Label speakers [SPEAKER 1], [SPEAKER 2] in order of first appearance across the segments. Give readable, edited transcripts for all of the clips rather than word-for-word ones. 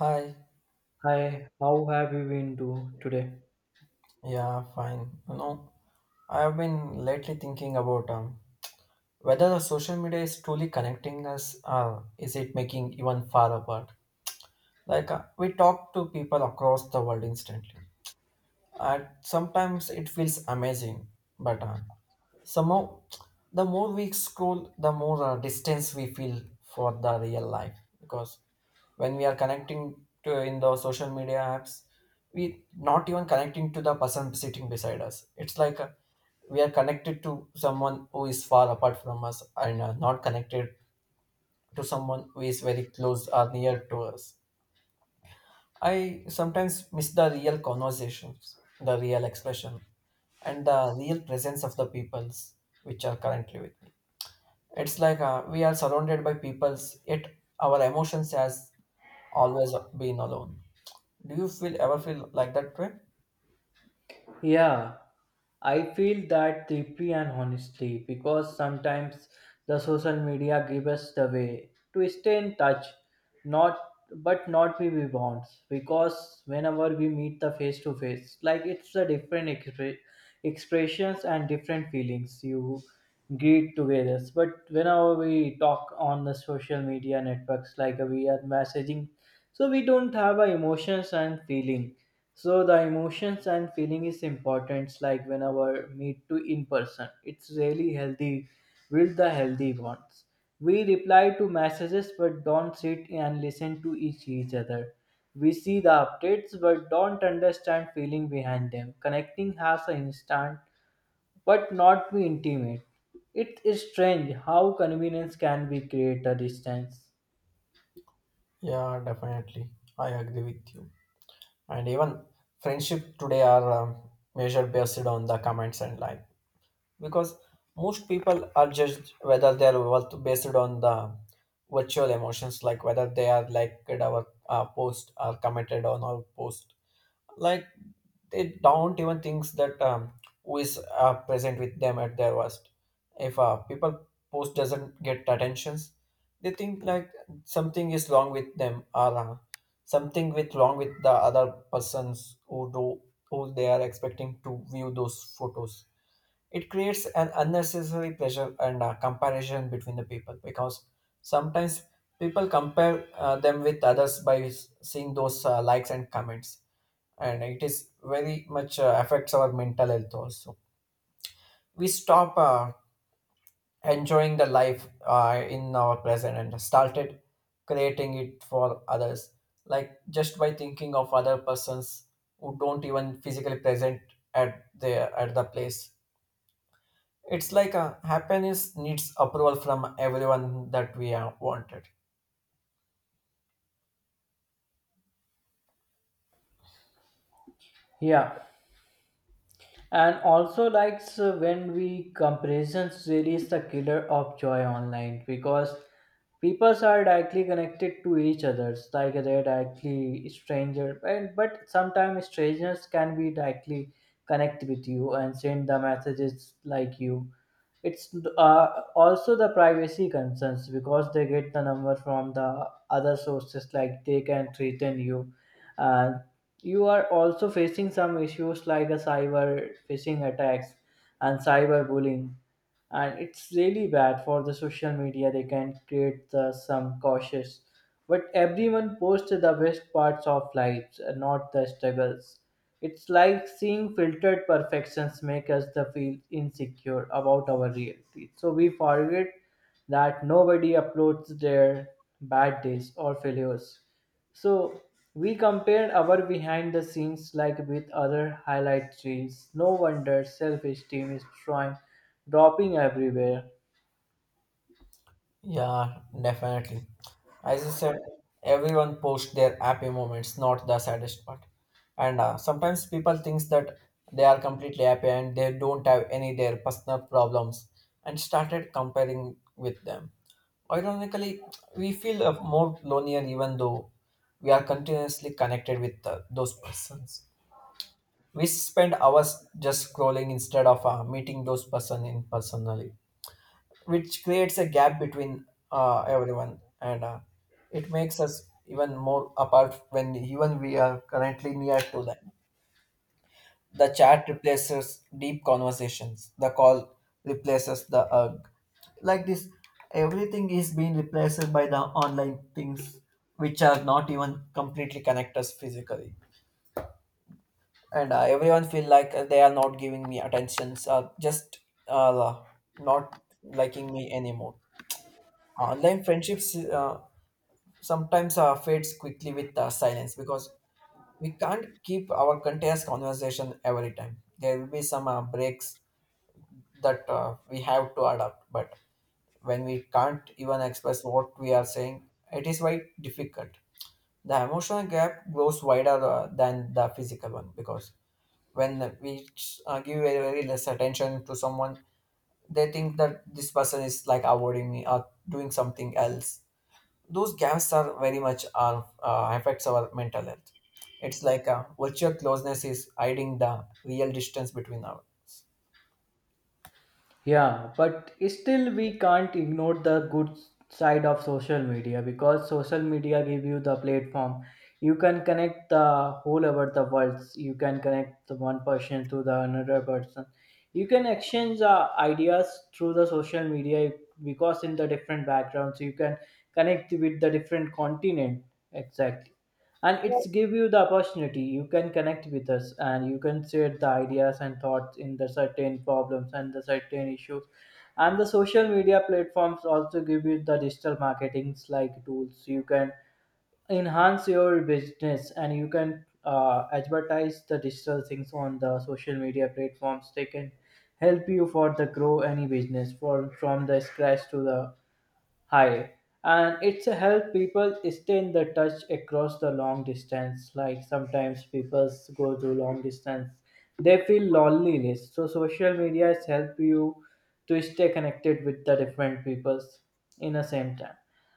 [SPEAKER 1] Hi.
[SPEAKER 2] Hi, how have you been do today?
[SPEAKER 1] Yeah, fine. You know, I have been lately thinking about whether the social media is truly connecting us or is it making even far apart. Like, we talk to people across the world instantly, and sometimes it feels amazing, but somehow the more we scroll, the more distance we feel for the real life. Because when we are connecting to in the social media apps, we not even connecting to the person sitting beside us. It's like, we are connected to someone who is far apart from us and not connected to someone who is very close or near to us. I sometimes miss the real conversations, the real expression, and the real presence of the peoples which are currently with me. It's like, we are surrounded by peoples, yet our emotions has always been alone. Do you feel ever feel like that way?
[SPEAKER 2] Yeah, I feel that deeply and honestly because sometimes the social media give us the way to stay in touch, not but not be we want because whenever we meet the face to face, like it's a different expressions and different feelings you greet together. But whenever we talk on the social media networks, like we are messaging, so we don't have a emotions and feeling so the emotions and feeling is important. It's like whenever meet to in person, it's really healthy. Build the healthy bonds. We reply to messages but don't sit and listen to each other. We see the updates but don't understand feeling behind them. Connecting has an instant but not be intimate. It is strange how convenience can be create a distance.
[SPEAKER 1] Yeah, definitely. I agree with you. And even friendship today are measured based on the comments and likes, because most people are judged whether they are worth based on the virtual emotions, like whether they are liked our post or commented on our post, like they don't even think that who is present with them at their worst. If people post doesn't get attentions, they think like something is wrong with them or something with wrong with the other persons who do who they are expecting to view those photos. It creates an unnecessary pressure and comparison between the people, because sometimes people compare them with others by seeing those likes and comments, and it is very much affects our mental health also. We stop enjoying the life in our present and started creating it for others, like just by thinking of other persons who don't even physically present at the place. It's like a happiness needs approval from everyone that we have wanted.
[SPEAKER 2] Yeah. And also like so when we comparisons really is the killer of joy online because people are directly connected to each others like they're directly stranger and but sometimes strangers can be directly connect with you and send the messages like you it's also the privacy concerns because they get the number from the other sources, like they can threaten you. Uh, you are also facing some issues like a cyber phishing attacks and cyber bullying and it's really bad for the social media they can create the some cautious but everyone posts the best parts of lives and not the struggles. It's like seeing filtered perfections make us the feel insecure about our reality, so we forget that nobody uploads their bad days or failures so we compared our behind the scenes like with other highlight reels. No wonder self-esteem is trying dropping everywhere.
[SPEAKER 1] Yeah, definitely. As you said, everyone posts their happy moments, not the saddest part. And sometimes people thinks that they are completely happy and they don't have any their personal problems and started comparing with them. Ironically, we feel more lonelier even though we are continuously connected with those persons. We spend hours just scrolling instead of meeting those person in personally, which creates a gap between everyone, and it makes us even more apart when even we are currently near to them. The chat replaces deep conversations, the call replaces the hug. Like this, everything is being replaced by the online things, which are not even completely connect us physically. And everyone feel like they are not giving me attentions, just uh, not liking me anymore. Online friendships sometimes fades quickly with silence, because we can't keep our continuous conversation every time. There will be some breaks that we have to adapt, but when we can't even express what we are saying, it is quite difficult. The emotional gap grows wider than the physical one, because when we give very, very less attention to someone, they think that this person is like avoiding me or doing something else. Those gaps are very much are affects our mental health. It's like a virtual closeness is hiding the real distance between our.
[SPEAKER 2] Yeah, but still we can't ignore the good side of social media because social media give you the platform. You can connect the whole over the world. You can connect the one person to the another person. You can exchange ideas through the social media because in the different backgrounds you can connect with the different continent. Exactly. And it's give you the opportunity you can connect with us and you can share the ideas and thoughts in the certain problems and the certain issues and the social media platforms also give you the digital marketings like tools you can enhance your business and you can advertise the digital things on the social media platforms they can help you for the grow any business for from the scratch to the Hi, and it's a help people stay in the touch across the long distance. Like sometimes people go through long distance, they feel loneliness. So social media has helped you to stay connected with the different peoples in the same time.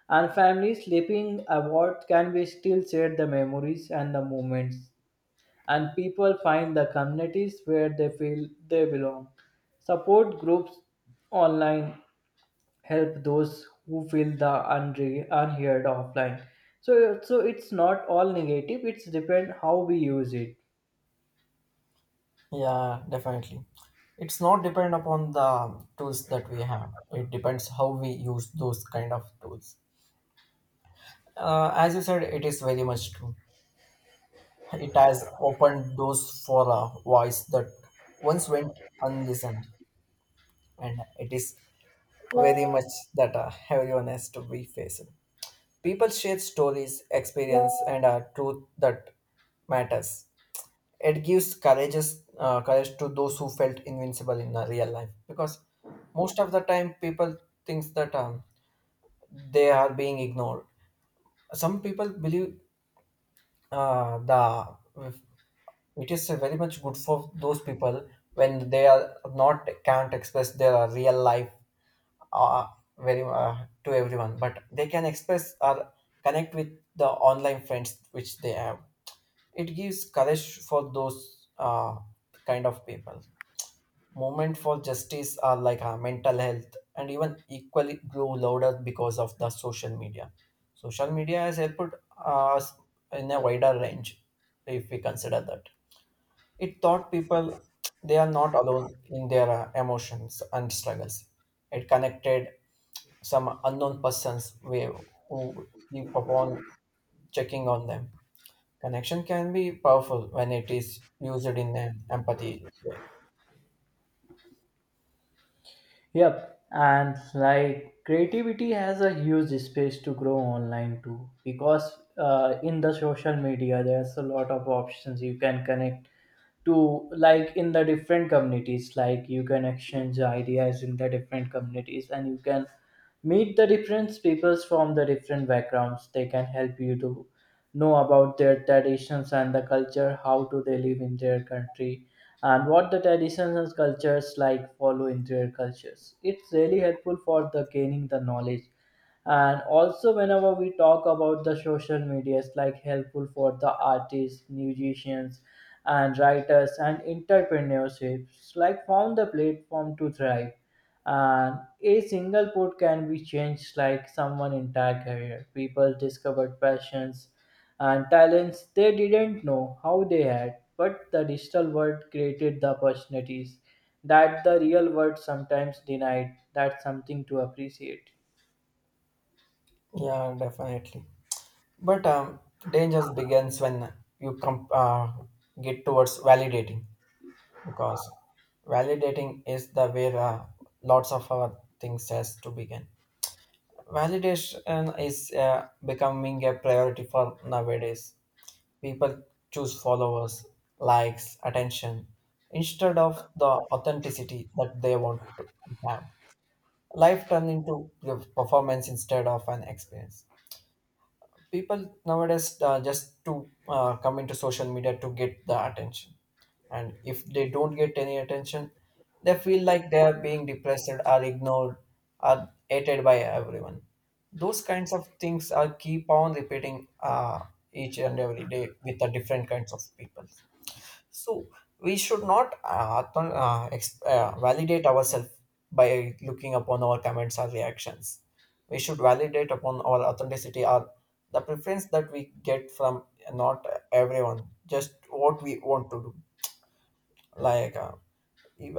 [SPEAKER 2] And families sleeping award can be still share the memories and the moments. And people find the communities where they feel they belong. Support groups online help those who feel the unheard offline, so so it's not all negative, it's depend how we use it.
[SPEAKER 1] Yeah, definitely. It's not depend upon the tools that we have, it depends how we use those kind of tools. As you said, it is very much true. It has opened doors for a voice that once went unlistened, and it is very much that everyone has to be faced. People share stories, experience, and truth that matters. It gives courage, courage to those who felt invincible in real life, because most of the time people thinks that they are being ignored. Some people believe the it is very much good for those people when they are not can't express their real life uh, very to everyone, but they can express or connect with the online friends which they have. It gives courage for those kind of people. Movement for justice are like mental health and even equally grew louder because of the social media. Social media has helped us in a wider range, if we consider that it taught people they are not alone in their emotions and struggles. It connected some unknown persons we, who keep upon checking on them. Connection can be powerful when it is used in an empathy way.
[SPEAKER 2] Yep, and like creativity has a huge space to grow online too because in the social media there's a lot of options you can connect to like in the different communities like you can exchange ideas in the different communities and you can meet the different peoples from the different backgrounds they can help you to know about their traditions and the culture how do they live in their country and what the traditions and cultures like follow in their cultures it's really helpful for the gaining the knowledge. And also whenever we talk about the social media it's like helpful for the artists musicians and writers and entrepreneurships like found the platform to thrive and a single put can be changed like someone entire career people discovered passions and talents they didn't know how they had, but the digital world created the opportunities that the real world sometimes denied. That's something to appreciate.
[SPEAKER 1] Yeah, definitely. But dangers begins when you get towards validating, because validating is the where lots of our things has to begin. Validation is becoming a priority for nowadays. People choose followers, likes, attention instead of the authenticity that they want to have. Life turned into the performance instead of an experience. People nowadays just to come into social media to get the attention, and if they don't get any attention, they feel like they are being depressed are ignored are hated by everyone. Those kinds of things are keep on repeating each and every day with the different kinds of people. So we should not validate ourselves by looking upon our comments or reactions. We should validate upon our authenticity or the preference that we get from not everyone, just what we want to do. Like,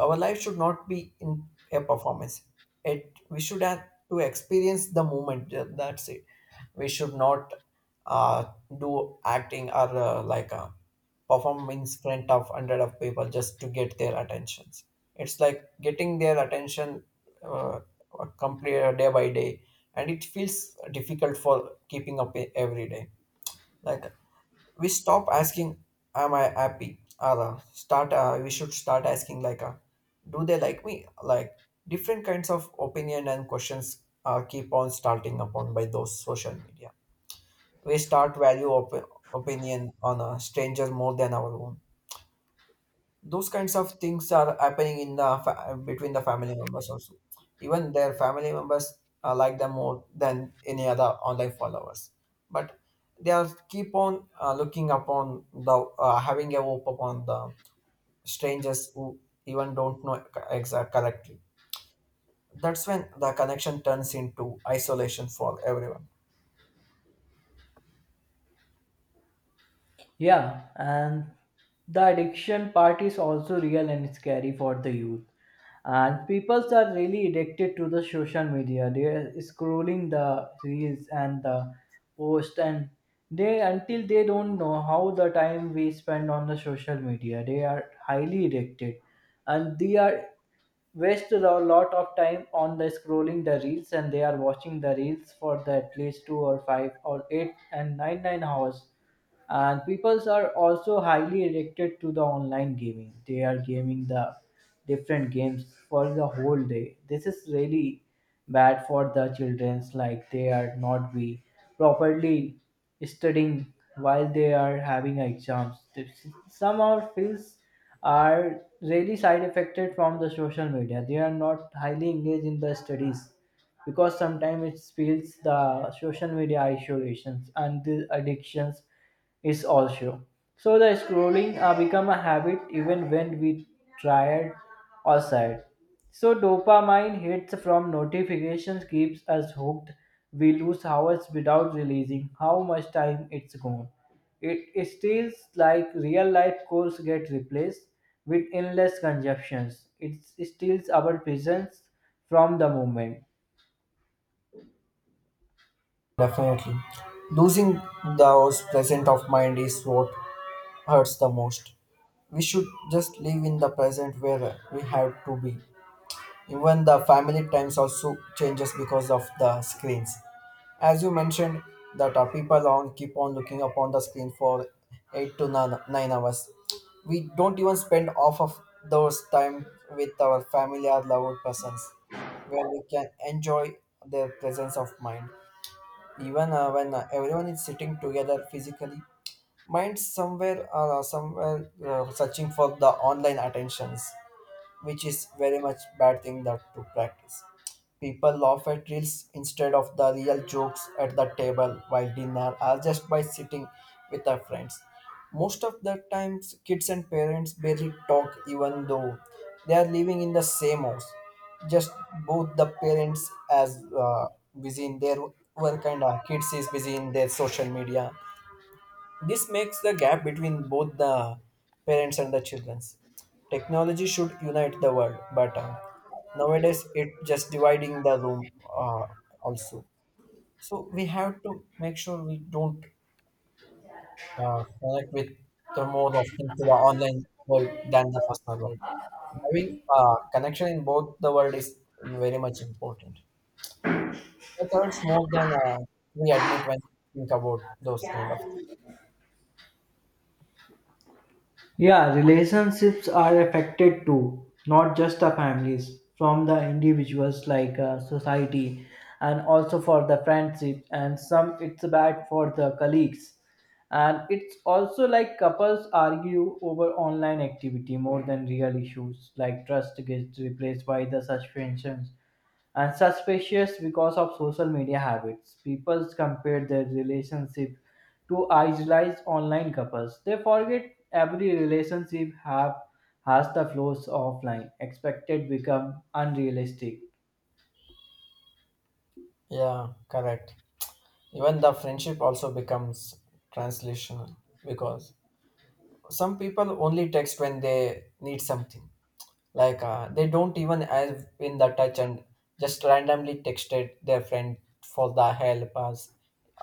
[SPEAKER 1] our life should not be in a performance. It we should have to experience the moment. That's it. We should not uh, do acting or like, perform in front of hundred of people just to get their attentions. It's like getting their attention uh, complete day by day, and it feels difficult for keeping up every day. Like we stop asking am I happy, or start we should start asking like do they like me, like different kinds of opinion and questions keep on starting upon by those social media. We start value opinion on a stranger more than our own. Those kinds of things are happening in the between the family members also. Even their family members like them more than any other online followers, but they are keep on looking upon the having a hope upon the strangers who even don't know exact correctly. That's when the connection turns into isolation for everyone.
[SPEAKER 2] Yeah, and the addiction part is also real and scary for the youth. And people are really addicted to the social media. They are scrolling the reels and the post and they until they don't know how the time we spend on the social media. They are highly addicted and they are waste a lot of time on the scrolling the reels and they are watching the reels for the at least two or five or eight and nine hours and peoples are also highly addicted to the online gaming they are gaming the different games for the whole day. This is really bad for the children's like they are not be properly studying while they are having exams. This- Some of fields are really side affected from the social media. They are not highly engaged in the studies because sometimes it feels the social media isolations and the addictions is also. So the scrolling become a habit even when we tired or sad. So dopamine hits from notifications keeps us hooked. We lose hours without realizing how much time it's gone. It feels like real life goals get replaced with endless consumptions. It steals our presence from the moment.
[SPEAKER 1] Definitely. Losing those present of mind is what hurts the most. We should just live in the present where we have to be. Even the family times also changes because of the screens. As you mentioned, that our people on keep on looking upon the screen for 8 to 9, 9 hours. We don't even spend off of those time with our family or loved persons, where we can enjoy their presence of mind. Even when everyone is sitting together physically, minds somewhere somewhere searching for the online attentions, which is very much bad thing that to practice. People laugh at reels instead of the real jokes at the table while dinner or just by sitting with their friends. Most of the times kids and parents barely talk, even though they are living in the same house. Just both the parents as busy in their work and kids is busy in their social media. This makes the gap between both the parents and the children. Technology should unite the world, but nowadays it just dividing the room also. So we have to make sure we don't connect with the more often to the online world than the personal world. Having connection in both the world is very much important. It hurts more than we admit when we think about those kind of things.
[SPEAKER 2] Yeah, relationships are affected too, not just the families, from the individuals like society, and also for the friendship, and some it's bad for the colleagues. And it's also like couples argue over online activity more than real issues, like trust gets replaced by the suspensions and suspicious because of social media habits. People compare their relationship to idealized online couples. They forget every relationship have has the flaws offline. Expected become unrealistic.
[SPEAKER 1] Yeah, correct. Even the friendship also becomes translational, because some people only text when they need something. Like, they don't even have in the touch and just randomly texted their friend for the help us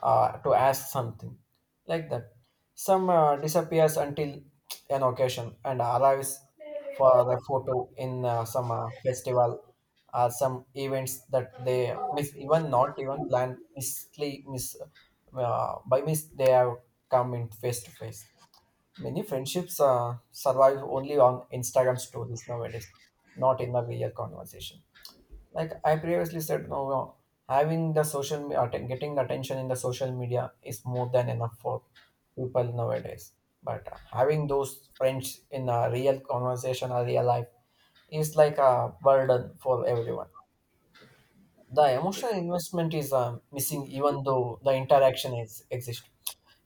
[SPEAKER 1] to ask something like that. Some disappears until an occasion and arrives for a photo in some festival or some events that they miss even not even plan, misly miss by miss they have come in face to face. Many friendships survive only on Instagram stories nowadays, not in the real conversation. Like I previously said, no, no, having the getting the attention in the social media is more than enough for people nowadays. But having those friends in a real conversation or real life is like a burden for everyone. The emotional investment is missing, even though the interaction is exists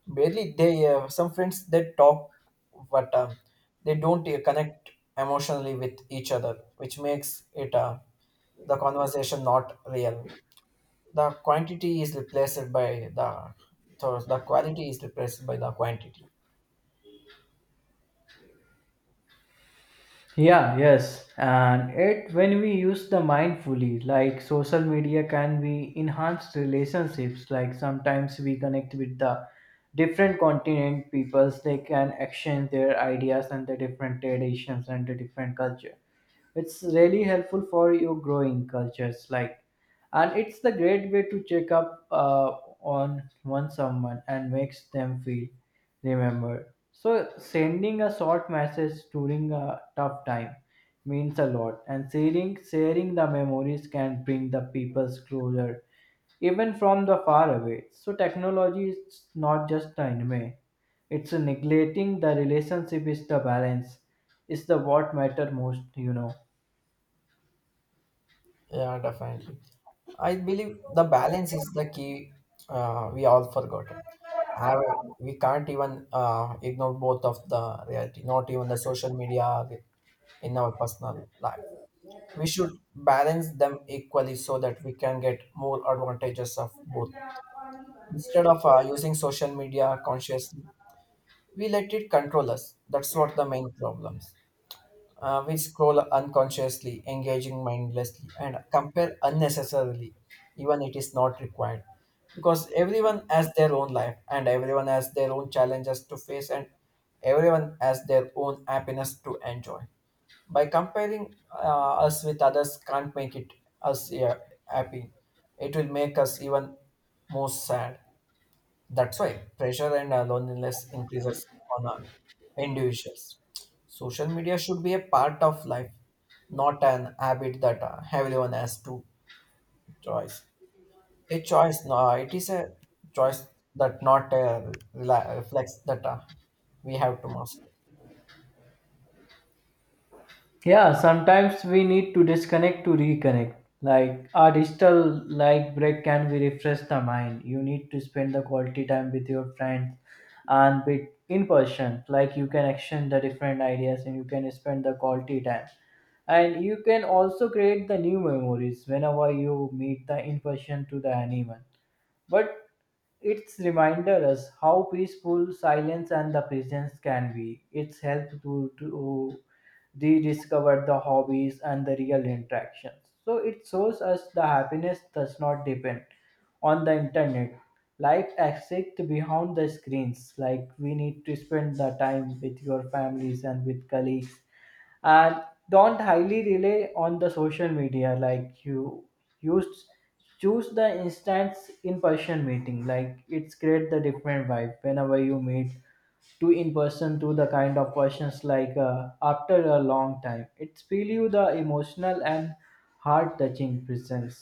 [SPEAKER 1] barely. They, some friends, they talk, but they don't connect emotionally with each other, which makes it the conversation not real. The quantity is replaced by the. So the quality is replaced by the quantity.
[SPEAKER 2] Yeah, yes. And it when we use the mindfully, like social media can be enhanced relationships. Like sometimes we connect with the different continent peoples, they can exchange their ideas and the different traditions and the different culture it's really helpful for you growing cultures like and it's the great way to check up on one someone and makes them feel remembered so sending a short message during a tough time means a lot and sharing the memories can bring the peoples closer even from the far away so technology is not just the enemy, it's neglecting the relationship is the balance is the what matter most, you know.
[SPEAKER 1] Yeah, definitely. I believe the balance is the key. We all forgotten. However, we can't even ignore both of the reality, not even the social media in our personal life. We should balance them equally so that we can get more advantages of both. Instead of using social media consciously, we let it control us. That's what the main problems. We scroll unconsciously, engaging mindlessly, and compare unnecessarily, even it is not required. Because everyone has their own life, and everyone has their own challenges to face, and everyone has their own happiness to enjoy. By comparing us with others, can't make it us, yeah, happy. It will make us even more sad. That's why pressure and loneliness increases on individuals. Social media should be a part of life, not an habit that everyone has to choice. A choice, no, it is a choice that not reflects that we have to master.
[SPEAKER 2] Yeah, sometimes we need to disconnect to reconnect, like our digital like break can be refresh the mind. You need to spend the quality time with your friends and with in person like you can action the different ideas and you can spend the quality time and you can also create the new memories whenever you meet the in person to the animal, but it's reminded us how peaceful silence and the presence can be. It's helped to rediscover the hobbies and the real interactions. So it shows us the happiness does not depend on the internet. Life exists behind the screens. Like we need to spend the time with your families and with colleagues and don't highly rely on the social media like you use choose the instance in person meeting like it's create the different vibe whenever you meet to in person to the kind of persons like after a long time it's feel you the emotional and heart touching presence.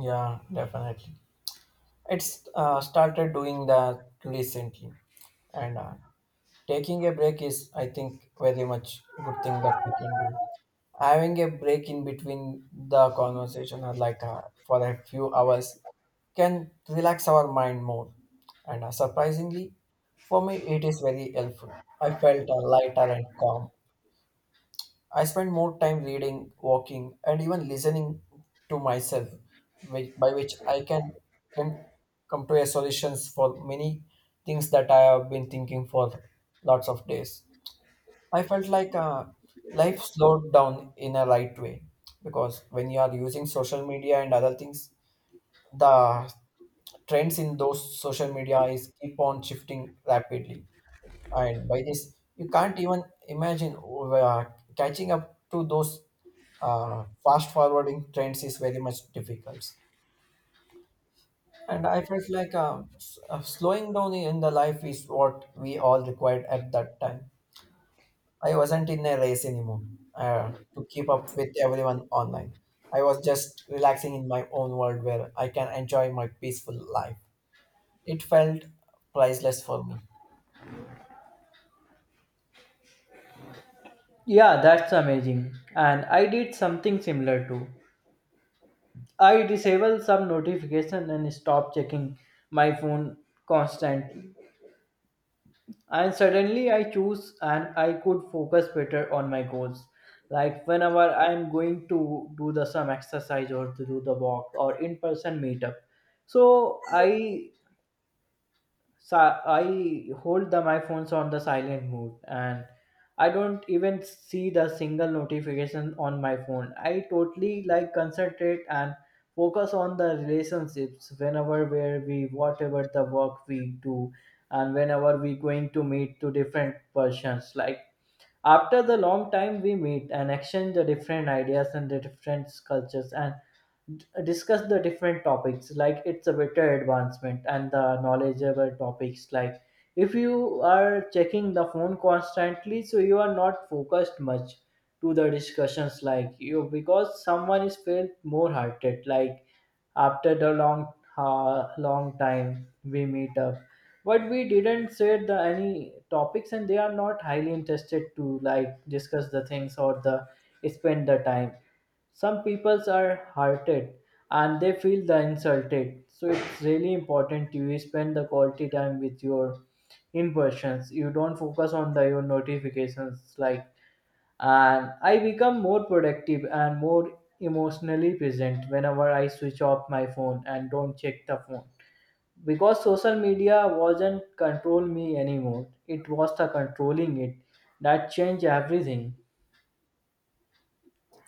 [SPEAKER 1] Yeah, definitely. It's started doing that recently, and taking a break is, I think, very much good thing that we can do. Having a break in between the conversation or like for a few hours can relax our mind more. And surprisingly, for me, it is very helpful. I felt lighter and calm. I spent more time reading, walking, and even listening to myself, which, by which I can come to a solutions for many things that I have been thinking for lots of days. I felt like life slowed down in a right way, because when you are using social media and other things, the trends in those social media is keep on shifting rapidly, and by this you can't even imagine catching up to those fast forwarding trends is very much difficult. And I felt like slowing down in the life is what we all required at that time. I wasn't in a race anymore, to keep up with everyone online. I was just relaxing in my own world where I can enjoy my peaceful life. It felt priceless for me.
[SPEAKER 2] Yeah, that's amazing. And I did something similar too. I disable some notification and stop checking my phone constant and suddenly I choose and I could focus better on my goals. Like whenever I'm going to do the some exercise or to do the walk or in person meetup. So I so I hold the my phones on the silent mode and I don't even see the single notification on my phone I totally like concentrate and focus on the relationships whenever where we whatever the work we do and whenever we going to meet to different persons like after the long time we meet and exchange the different ideas and the different cultures and discuss the different topics like it's a better advancement and the knowledgeable topics like if you are checking the phone constantly so you are not focused much to the discussions like you because someone is felt more hearted like after the long long time we meet up but we didn't say the any topics and they are not highly interested to like discuss the things or the spend the time some people are hurted and they feel the insulted. So it's really important you spend the quality time with your in persons. You don't focus on the your notifications like and I become more productive and more emotionally present whenever I switch off my phone and don't check the phone. Because social media wasn't control me anymore. It was the controlling it that changed everything.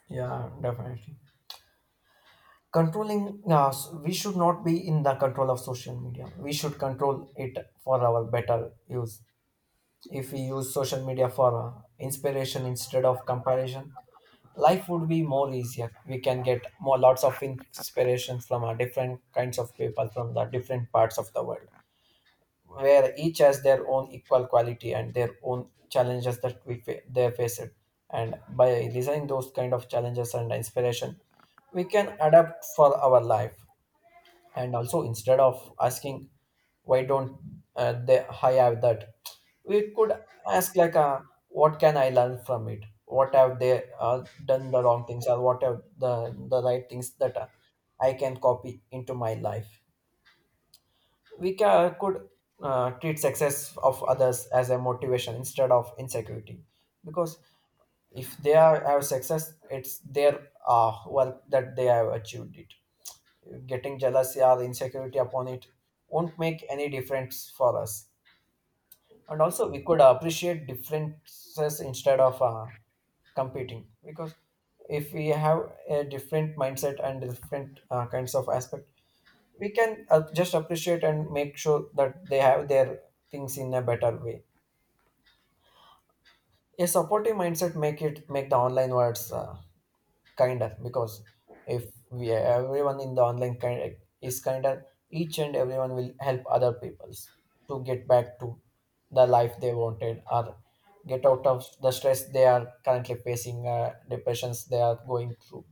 [SPEAKER 1] Yeah, definitely. Controlling, we should not be in the control of social media. We should control it for our better use. If we use social media for inspiration instead of comparison, life would be more easier. We can get more lots of inspiration from our different kinds of people from the different parts of the world, where each has their own equal quality and their own challenges that they face it. And by listening those kind of challenges and inspiration, we can adapt for our life. And also, instead of asking why don't they I have that, we could ask like what can I learn from it, what have they done the wrong things, or what have the right things that I can copy into my life. We ca could treat success of others as a motivation instead of insecurity, because if they are have success, it's their work that they have achieved it. Getting jealousy or insecurity upon it won't make any difference for us. And also, we could appreciate differences instead of competing, because if we have a different mindset and different kinds of aspect, we can just appreciate and make sure that they have their things in a better way. A supportive mindset make the online worlds kinder, because if we everyone in the online kind is kinder, each and everyone will help other peoples to get back to the life they wanted or get out of the stress they are currently facing, depressions they are going through.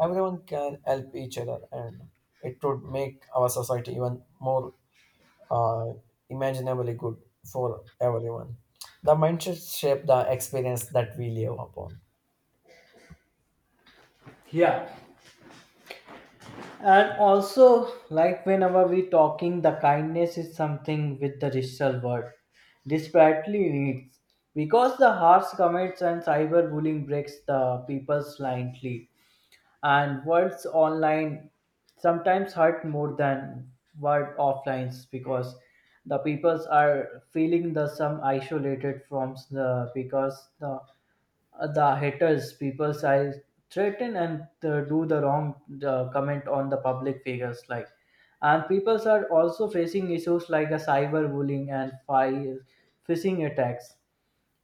[SPEAKER 1] Everyone can help each other, and it would make our society even more uh, imaginably good for everyone. The mindset shape the experience that we live upon.
[SPEAKER 2] Yeah. And also, like whenever we talking, the kindness is something with the digital world desperately needs because the harsh comments and cyberbullying breaks the people slightly, and words online sometimes hurt more than word offline because the peoples are feeling the some isolated from the because the haters, people I threaten and do the wrong comment on the public figures like, and people are also facing issues like a cyber bullying and phishing attacks.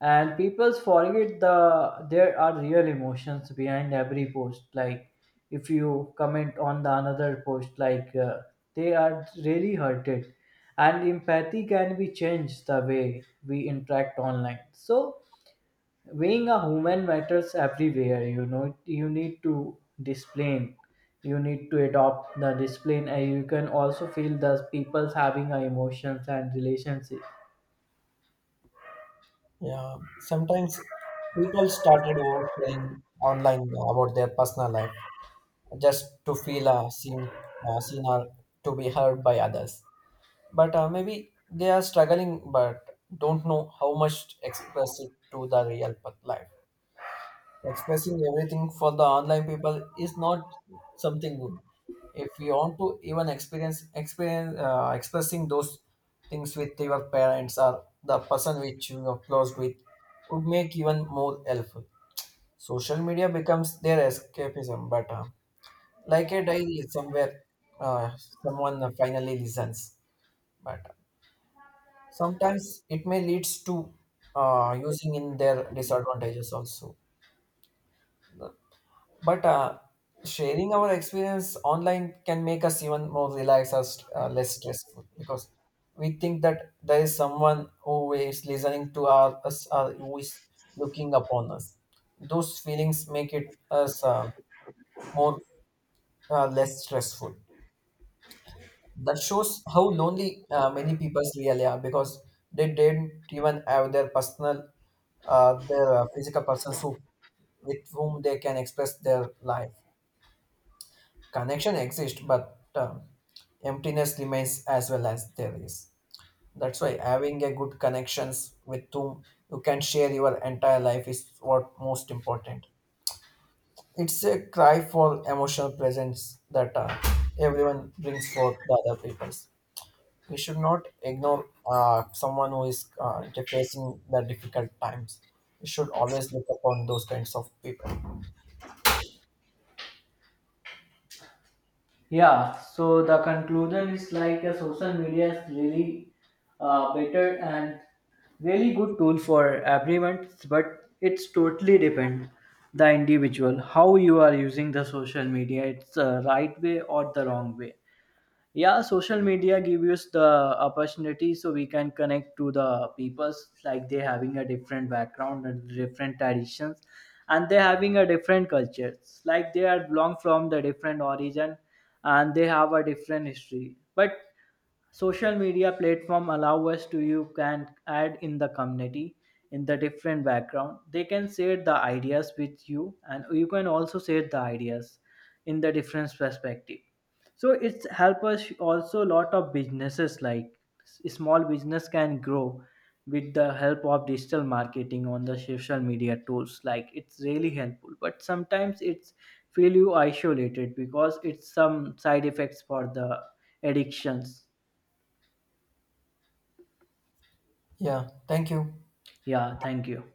[SPEAKER 2] And people forget the there are real emotions behind every post. Like if you comment on the another post, like they are really hurted. And empathy can be changed the way we interact online. So being a human matters everywhere, you know. You need to discipline. You need to adopt the discipline, and you can also feel the people's having a emotions and relationships.
[SPEAKER 1] Yeah, sometimes people started oversharing online about their personal life just to feel seen or to be heard by others. But maybe they are struggling, but don't know how much to express it to the real life. Expressing everything for the online people is not something good. If you want to even experience expressing those things with your parents or the person which you are close with would make even more helpful. Social media becomes their escapism, but like a diary somewhere, uh, someone finally listens. But sometimes it may leads to using in their disadvantages also. But sharing our experience online can make us even more relaxed or less stressful, because we think that there is someone who is listening to us or who is looking upon us. Those feelings make it us more less stressful. That shows how lonely many people really are, because they didn't even have their physical persons with whom they can express their life. Connection exists, but emptiness remains as well as there is. That's why having a good connections with whom you can share your entire life is what most important. It's a cry for emotional presence that everyone brings forth the other people's. We should not ignore someone who is facing the difficult times. We should always look upon those kinds of people.
[SPEAKER 2] Yeah, so the conclusion is like a social media is really better and really good tool for everyone, but it's totally depend the individual how you are using the social media. It's the right way or the wrong way. Yeah, social media give us the opportunity so we can connect to the peoples like they having a different background and different traditions and they having a different cultures like they are belong from the different origin and they have a different history but social media platform allow us to you can add in the community in the different background they can share the ideas with you and you can also share the ideas in the different perspective so it's help us also lot of businesses like small business can grow with the help of digital marketing on the social media tools like it's really helpful but sometimes it's feel you isolated because it's some side effects for the addictions.
[SPEAKER 1] Yeah, thank you.
[SPEAKER 2] Yeah, thank you.